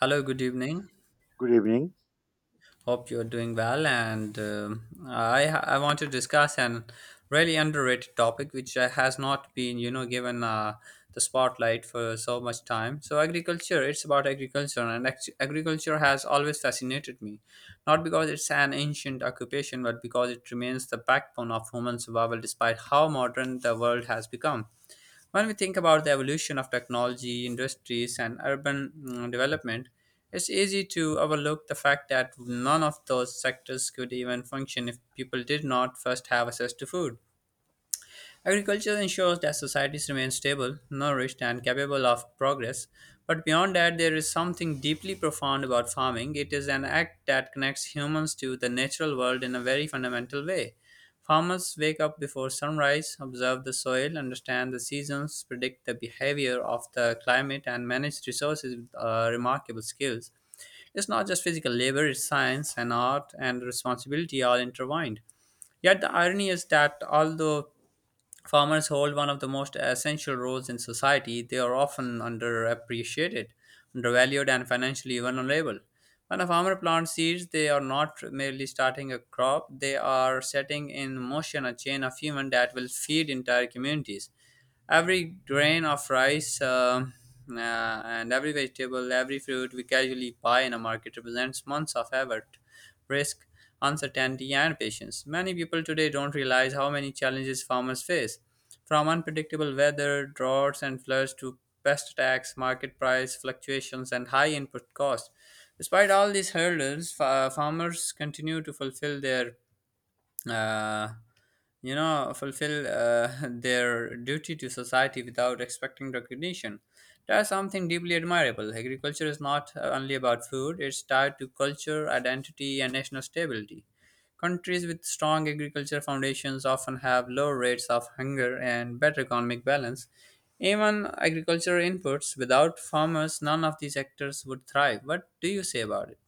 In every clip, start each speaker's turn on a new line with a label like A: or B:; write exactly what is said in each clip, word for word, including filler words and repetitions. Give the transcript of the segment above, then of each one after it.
A: Hello, good evening.
B: Good evening.
A: Hope you're doing well. And um I I want to discuss an really underrated topic which uh, has not been you know given uh, the spotlight for so much time. So agriculture, it's about agriculture, and act- agriculture has always fascinated me, not because it's an ancient occupation, but because it remains the backbone of human survival despite how modern the world has become. When we think about the evolution of technology, industries, and urban mm, development, it's easy to overlook the fact that none of those sectors could even function if people did not first have access to food. Agriculture ensures that societies remain stable, nourished, and capable of progress. But beyond that, there is something deeply profound about farming. It is an act that connects humans to the natural world in a very fundamental way. Farmers wake up before sunrise, observe the soil, understand the seasons, predict the behavior of the climate, and manage resources with uh, remarkable skills. It's not just physical labor, it's science and art and responsibility all intertwined. Yet the irony is that although farmers hold one of the most essential roles in society, they are often underappreciated, undervalued, and financially vulnerable. When a farmer plants seeds, they are not merely starting a crop, they are setting in motion a chain of human that will feed entire communities. Every grain of rice um, uh, and every vegetable, every fruit we casually buy in a market represents months of effort, risk, uncertainty, and patience. Many people today don't realize how many challenges farmers face, from unpredictable weather, droughts, and floods to pest attacks, market price fluctuations, and high input costs. Despite all these hurdles, fa- farmers continue to fulfill their uh, you know, fulfill uh, their duty to society without expecting recognition. That's something deeply admirable. Agriculture is not uh, only about food, it's tied to culture, identity, and national stability. Countries with strong agriculture foundations often have low rates of hunger and better economic balance. Even agricultural inputs, without farmers, none of these sectors would thrive. What do you say about it?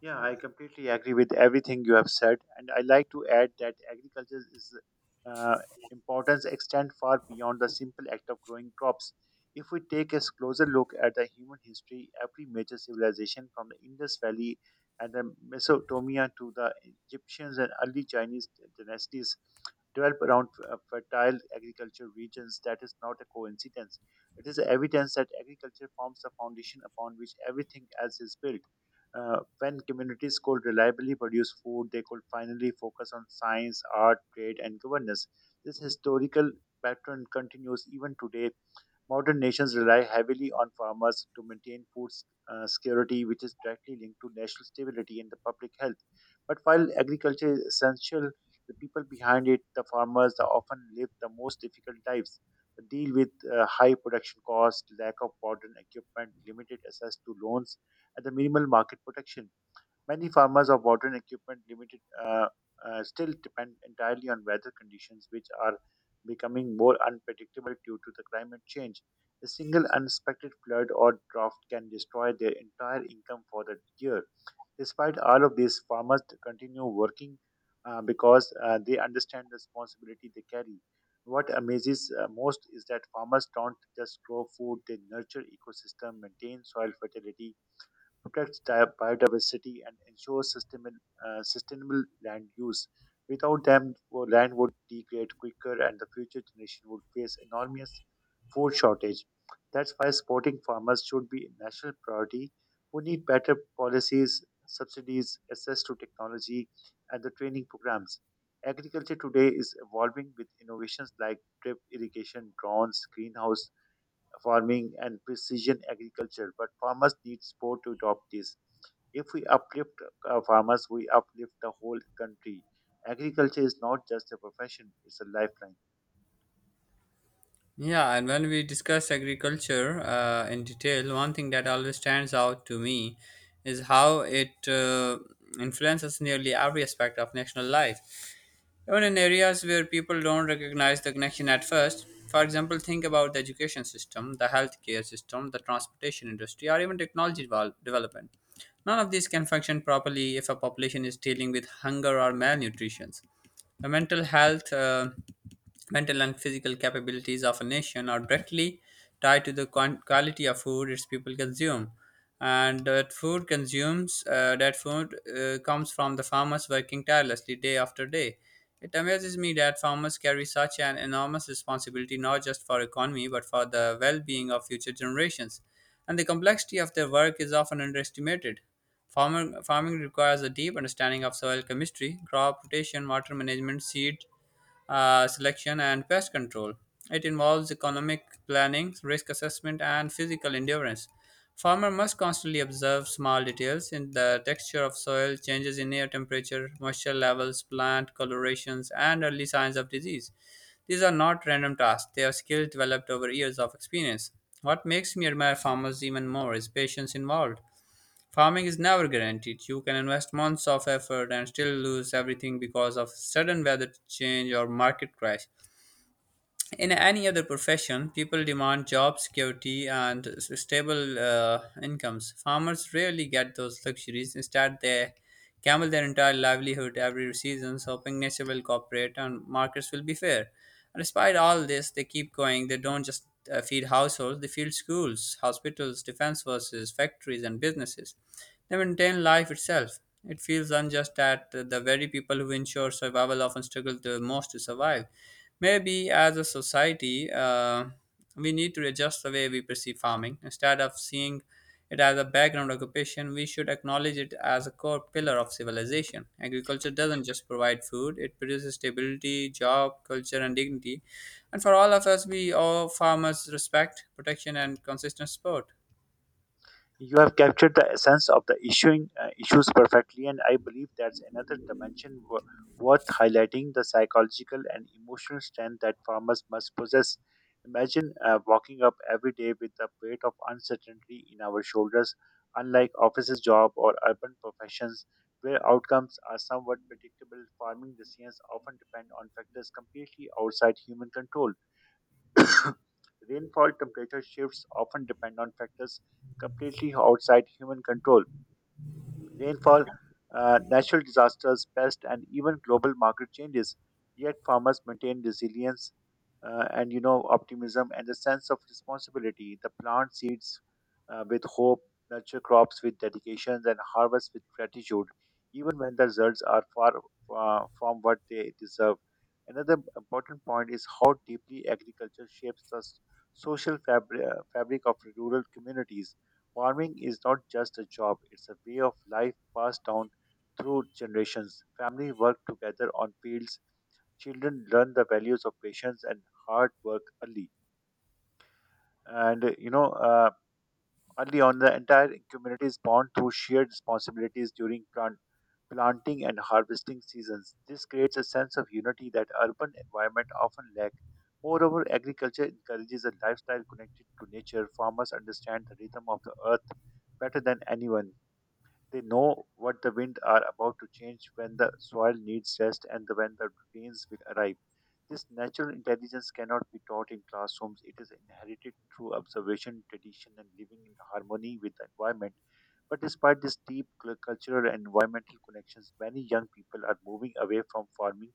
B: Yeah, I completely agree with everything you have said, and I like to add that agriculture is uh, importance extend far beyond the simple act of growing crops. If we take a closer look at the human history, every major civilization from the Indus Valley and the Mesopotamia to the Egyptians and early Chinese dynasties developed around uh, fertile agriculture regions. That is not a coincidence. It is evidence that agriculture forms the foundation upon which everything else is built. Uh, when communities could reliably produce food, they could finally focus on science, art, trade, and governance. This historical pattern continues even today. Modern nations rely heavily on farmers to maintain food s- uh, security, which is directly linked to national stability and the public health. But while agriculture is essential, the people behind it, the farmers, they often live the most difficult lives. They deal with uh, high production costs, lack of modern equipment, limited access to loans, and the minimal market protection. Many farmers of modern equipment limited uh, uh, Still depend entirely on weather conditions, which are becoming more unpredictable due to the climate change. A single unexpected flood or drought can destroy their entire income for the year. Despite all of this, farmers continue working uh, because uh, they understand the responsibility they carry. What amazes uh, most is that farmers don't just grow food; they nurture ecosystem, maintain soil fertility, protects di- biodiversity, and ensures sustainable, uh, sustainable land use. Without them, wo- land would degrade quicker, and the future generation would face enormous food shortage. That's why supporting farmers should be a national priority. We need better policies, subsidies, access to technology, and the training programs. Agriculture today is evolving with innovations like drip irrigation, drones, greenhouse farming and precision agriculture, but farmers need support to adopt this. If we uplift uh, farmers, we uplift the whole country. Agriculture is not just a profession, it's a lifeline.
A: Yeah, and when we discuss agriculture uh, in detail, one thing that always stands out to me is how it uh, influences nearly every aspect of national life. Even in areas where people don't recognize the connection at first, for example, think about the education system, the healthcare system, the transportation industry, or even technology devel- development. None of these can function properly if a population is dealing with hunger or malnutrition. The mental health, uh, mental and physical capabilities of a nation are directly tied to the quan- quality of food its people consume. And that food consumes, uh, that food uh, comes from the farmers working tirelessly day after day. It amazes me that farmers carry such an enormous responsibility not just for economy but for the well-being of future generations, and the complexity of their work is often underestimated. Farmer, farming requires a deep understanding of soil chemistry, crop rotation, water management, seed uh, selection, and pest control. It involves economic planning, risk assessment, and physical endurance. Farmer must constantly observe small details in the texture of soil, changes in air temperature, moisture levels, plant colorations, and early signs of disease. These are not random tasks, they are skills developed over years of experience. What makes Myanmar farmers even more is patience involved. Farming is never guaranteed. You can invest months of effort and still lose everything because of sudden weather change or market crash. In any other profession, people demand job security and s- stable uh, incomes. Farmers rarely get those luxuries. Instead, they gamble their entire livelihood every season, hoping nature will cooperate and markets will be fair. And despite all this, they keep going. They don't just uh, feed households, they feed schools, hospitals, defense forces, factories, and businesses. They maintain life itself. It feels unjust that the very people who ensure survival often struggle the most to survive. Maybe as a society, uh, we need to adjust the way we perceive farming. Instead of seeing it as a background occupation, we should acknowledge it as a core pillar of civilization. Agriculture doesn't just provide food, it produces stability, job, culture, and dignity. And for all of us, we owe farmers respect, protection, and consistent support.
B: You have captured the essence of the issuing uh, issues perfectly, and I believe that's another dimension w- worth highlighting: the psychological and emotional strength that farmers must possess. Imagine uh, walking up every day with the weight of uncertainty in our shoulders. Unlike offices job or urban professions, where outcomes are somewhat predictable, farming decisions often depend on factors completely outside human control. Rainfall temperature shifts often depend on factors completely outside human control rainfall, uh, natural disasters, pests, and even global market changes. Yet farmers maintain resilience uh, and you know optimism and a sense of responsibility. The plant seeds uh, with hope, nurture crops with dedication, and harvest with gratitude, even when the results are far uh, from what they deserve. Another important point is how deeply agriculture shapes the s- social fabric, uh, fabric of rural communities. Farming is not just a job, it's a way of life passed down through generations. Families work together on fields, children learn the values of patience and hard work early. And uh, you know, uh, Early on, the entire community is bound through shared responsibilities during plant, planting and harvesting seasons. This creates a sense of unity that urban environment often lack. Moreover, agriculture encourages a lifestyle connected to nature. Farmers understand the rhythm of the earth better than anyone. They know what the wind are about to change when the soil needs rest and the, when the rains will arrive. This natural intelligence cannot be taught in classrooms. It is inherited through observation, tradition, and living in harmony with the environment. But despite these deep cul- cultural and environmental connections, many young people are moving away from farming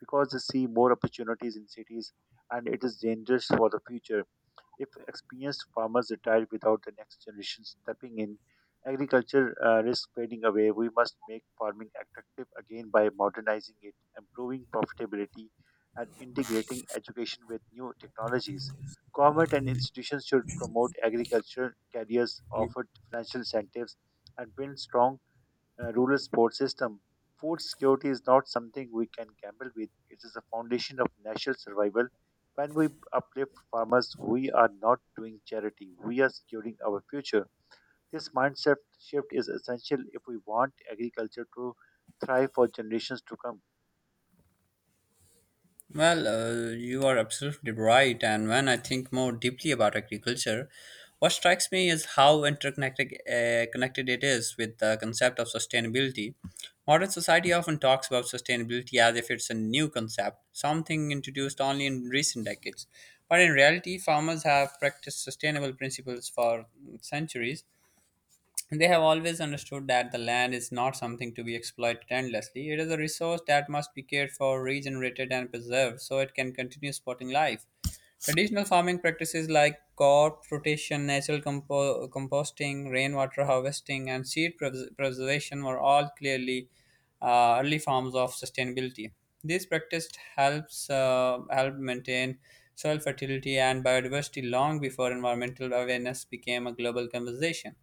B: because they see more opportunities in cities and it is dangerous for the future. If experienced farmers retire without the next generation stepping in, agriculture uh, risks fading away. We must make farming attractive again by modernizing it, improving profitability, and integrating education with new technologies. Government and institutions should promote agriculture careers, offer financial incentives, and build strong uh, rural sports system. Food security is not something we can gamble with. It is the foundation of national survival. When we uplift farmers, we are not doing charity. We are securing our future. This mindset shift is essential if we want agriculture to thrive for generations to come.
A: Well, uh, you are absolutely right. And when I think more deeply about agriculture, what strikes me is how interconnected uh, connected it is with the concept of sustainability. Modern society often talks about sustainability as if it's a new concept, something introduced only in recent decades. But in reality, farmers have practiced sustainable principles for centuries. They have always understood that the land is not something to be exploited endlessly. It is a resource that must be cared for, regenerated, and preserved so it can continue supporting life. Traditional farming practices like crop rotation, natural compo- composting, rainwater harvesting, and seed pres- preservation were all clearly uh, early forms of sustainability. This practice helps uh, help maintain soil fertility and biodiversity long before environmental awareness became a global conversation.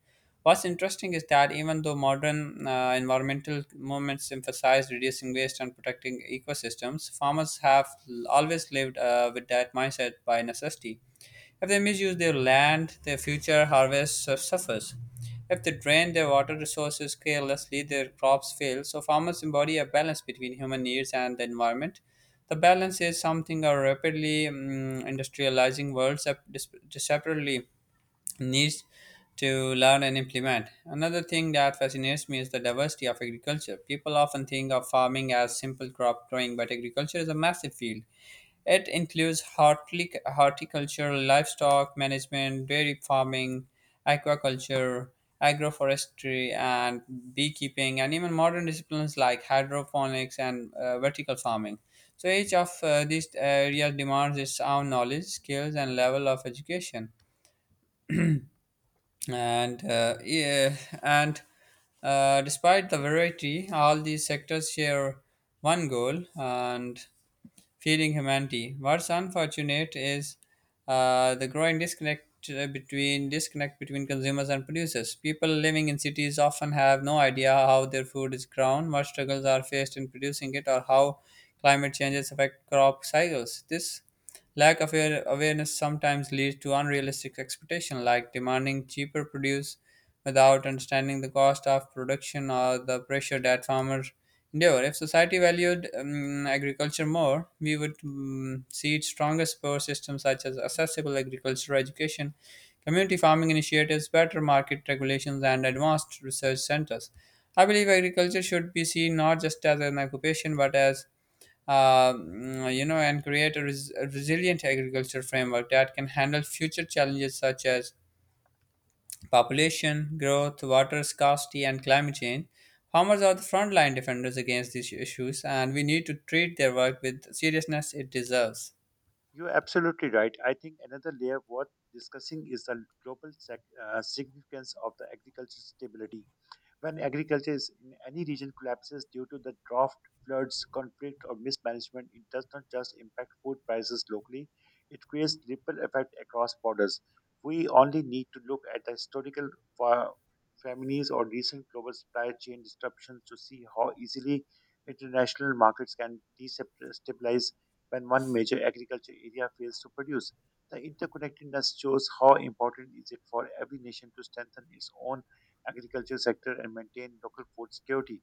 A: What's interesting is that even though modern uh, environmental movements emphasize reducing waste and protecting ecosystems, farmers have l- always lived uh, with that mindset by necessity. If they misuse their land, their future harvest su- suffers. If they drain their water resources carelessly, their crops fail. So, farmers embody a balance between human needs and the environment. The balance is something our rapidly mm industrializing world sep- dis- separately needs to learn and implement. Another thing that fascinates me is the diversity of agriculture. People often think of farming as simple crop growing, but agriculture is a massive field. It includes hortic- horticulture, livestock management, dairy farming, aquaculture, agroforestry, and beekeeping, and even modern disciplines like hydroponics and uh, vertical farming. So each of uh, these areas demands its own knowledge, skills, and level of education and uh, yeah, and uh, despite the variety, all these sectors share one goal and feeding humanity. What's unfortunate is uh, the growing disconnect uh, between disconnect between consumers and producers. People living in cities often have no idea how their food is grown, what struggles are faced in producing it, or how climate changes affect crop cycles. This lack of aware- awareness sometimes leads to unrealistic expectations, like demanding cheaper produce without understanding the cost of production or the pressure that farmers endure. If society valued um, agriculture more, we would um, see stronger support systems such as accessible agricultural education, community farming initiatives, better market regulations, and advanced research centers. I believe agriculture should be seen not just as an occupation but as uh, mm, you know, and create a res- a resilient agriculture framework that can handle future challenges such as population growth, water scarcity, and climate change. Farmers are the frontline defenders against these issues, and we need to treat their work with the seriousness it deserves.
B: You're absolutely right. I think another layer worth discussing is the global sec- uh, significance of the agricultural stability. When agriculture is in any region collapses due to the drought, floods, conflict, or mismanagement, it does not just impact food prices locally, it creates ripple effect across borders. We only need to look at the historical fa- families or recent global supply chain disruptions to see how easily international markets can destabilize when one major agriculture area fails to produce. The interconnectedness shows how important is it for every nation to strengthen its own agriculture sector and maintain local food security.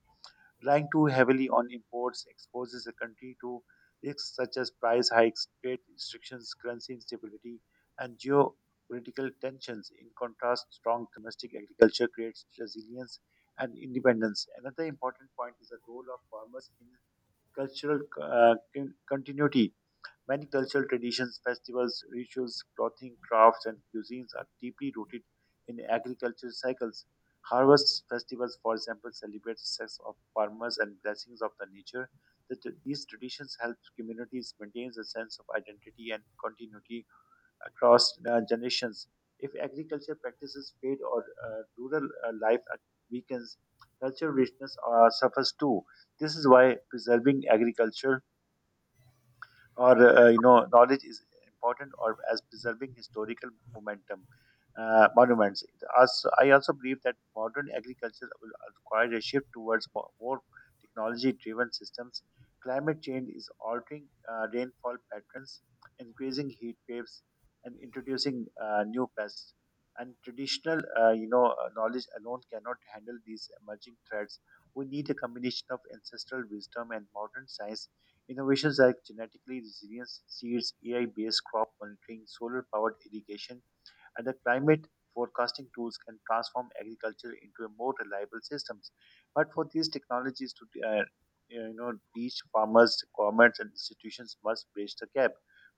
B: Relying too heavily on imports exposes the country to risks such as price hikes, trade restrictions, currency instability, and geopolitical tensions. In contrast, strong domestic agriculture creates resilience and independence. Another important point is the role of farmers in cultural uh, con- continuity. Many cultural traditions, festivals, rituals, clothing, crafts, and cuisines are deeply rooted in agricultural cycles. Harvest festivals, for example, celebrate success of farmers and blessings of the nature. The, t- these traditions help communities maintain a sense of identity and continuity across uh, generations. If agriculture practices fade or uh, rural uh, life uh, weakens, cultural richness uh, suffers too. This is why preserving agriculture or uh, you know knowledge is important or as preserving historical momentum uh, monuments. Also, I also believe that modern agriculture will require a shift towards mo- more technology-driven systems. Climate change is altering uh, rainfall patterns, increasing heat waves, and introducing uh, new pests. And traditional, uh, you know, uh, knowledge alone cannot handle these emerging threats. We need a combination of ancestral wisdom and modern science. Innovations like genetically resilient seeds, A I based crop monitoring, solar powered irrigation, and the climate forecasting tools can transform agriculture into a more reliable systems. But for these technologies to uh, you know reach farmers, governments, and institutions must bridge the gap.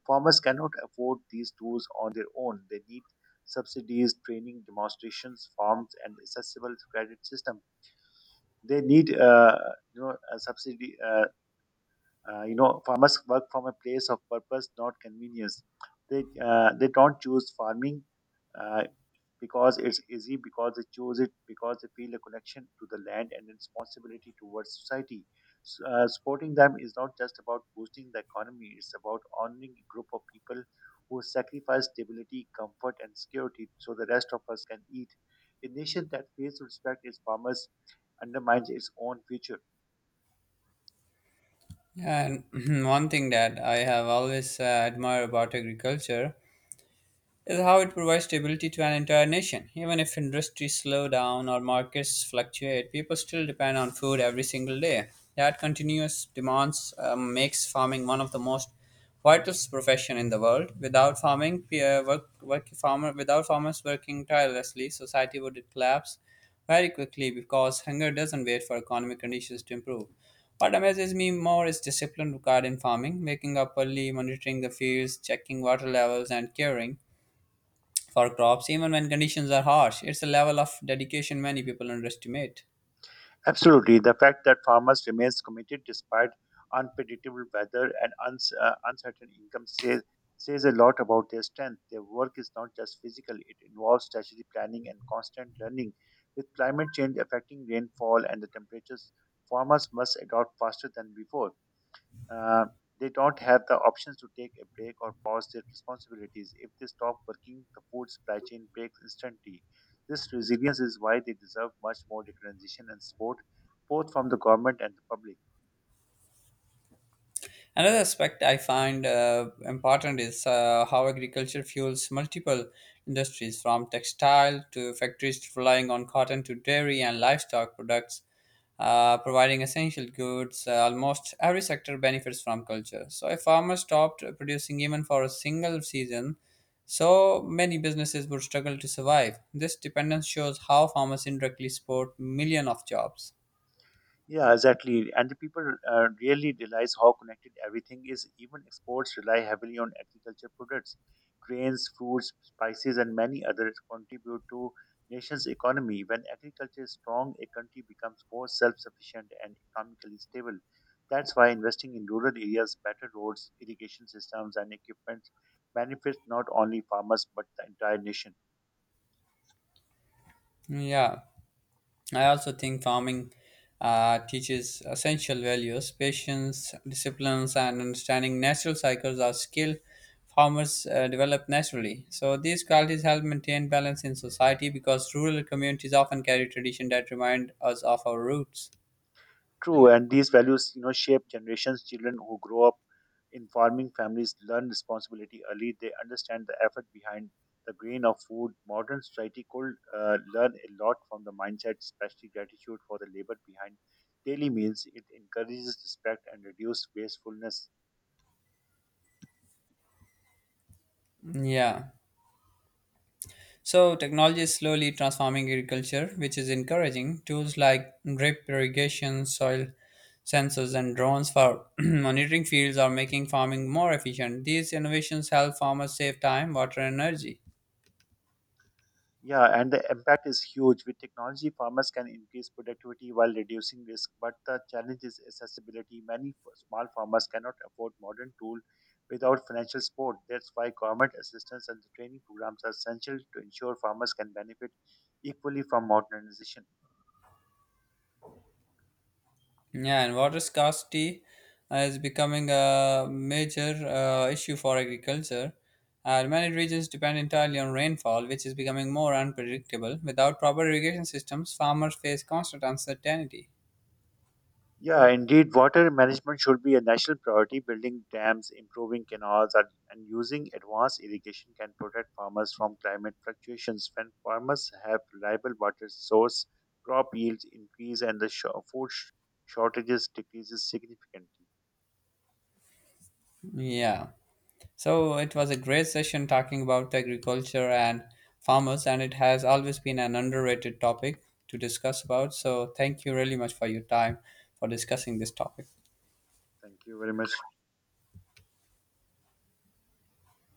B: Farmers cannot afford these tools on their own. They need subsidies, training, demonstrations, farms, and accessible credit system. They need uh, you know a subsidy. Uh, uh, you know, farmers work from a place of purpose, not convenience. They uh, they don't choose farming uh, because it's easy, because they choose it because they feel a connection to the land and responsibility towards society. S- uh, supporting them is not just about boosting the economy; it's about honoring a group of people who sacrifice stability, comfort, and security so the rest of us can eat. A nation that fails to respect its farmers undermines its own future.
A: Yeah. And One thing that I have always uh, admired about agriculture is how it provides stability to an entire nation. Even if industries slow down or markets fluctuate, people still depend on food every single day. That continuous demands um, makes farming one of the most vital profession in the world. Without farming, pe- uh, work, work farmer without farmers working tirelessly, society would collapse very quickly because hunger doesn't wait for economic conditions to improve. What amazes me more is discipline required in farming, waking up early, monitoring the fields, checking water levels, and caring for crops even when conditions are harsh. It's a level of dedication many people underestimate.
B: Absolutely. The fact that farmers remains committed despite unpredictable weather and uns- uh, uncertain income says, says a lot about their strength. Their work is not just physical, it involves strategic planning and constant learning. With climate change affecting rainfall and the temperatures, farmers must adopt faster than before. Uh, they don't have the options to take a break or pause their responsibilities. If they stop working, the food supply chain breaks instantly. This resilience is why they deserve much more recognition and support, both from the government and the public.
A: Another aspect I find uh, important is uh, how agriculture fuels multiple industries, from textile to factories relying on cotton to dairy and livestock products, uh, providing essential goods. Uh, almost every sector benefits from culture. So, if farmers stopped producing even for a single season, so many businesses would struggle to survive. This dependence shows how farmers indirectly support millions of jobs.
B: Yeah, exactly. And the people uh, really realize how connected everything is. Even exports rely heavily on agriculture products. Grains, fruits, spices, and many others contribute to nation's economy. When agriculture is strong, a country becomes more self-sufficient and economically stable. That's why investing in rural areas, better roads, irrigation systems, and equipment benefits not only farmers but the entire nation.
A: Yeah. I also think farming uh, teaches essential values. Patience, disciplines, and understanding natural cycles are skills farmers uh, develop naturally. So these qualities help maintain balance in society because rural communities often carry tradition that remind us of our roots.
B: True, and these values, you know, shape generations. Children who grow up in farming families learn responsibility early. They understand the effort behind the grain of food. Modern society could uh, learn a lot from the mindset, especially gratitude for the labor behind daily meals. It encourages respect and reduces wastefulness.
A: Yeah. So, technology is slowly transforming agriculture, which is encouraging. Tools like drip irrigation, soil sensors, and drones for monitoring fields are making farming more efficient. These innovations help farmers save time, water, and energy.
B: Yeah, and the impact is huge. With technology, farmers can increase productivity while reducing risk, but the challenge is accessibility. Many f- small farmers cannot afford modern tools without financial support. That's why government assistance and the training programs are essential to ensure farmers can benefit equally from modernization.
A: Yeah, and water scarcity is becoming a major uh, issue for agriculture. And many regions depend entirely on rainfall, which is becoming more unpredictable. Without proper irrigation systems, farmers face constant uncertainty.
B: Yeah, indeed, water management should be a national priority. Building dams, improving canals, and, and using advanced irrigation can protect farmers from climate fluctuations. When farmers have reliable water source, crop yields increase and the sh- food sh- shortages decreases significantly.
A: Yeah. So it was a great session talking about agriculture and farmers, and it has always been an underrated topic to discuss about. So thank you really much for your time for discussing this topic.
B: Thank you very much.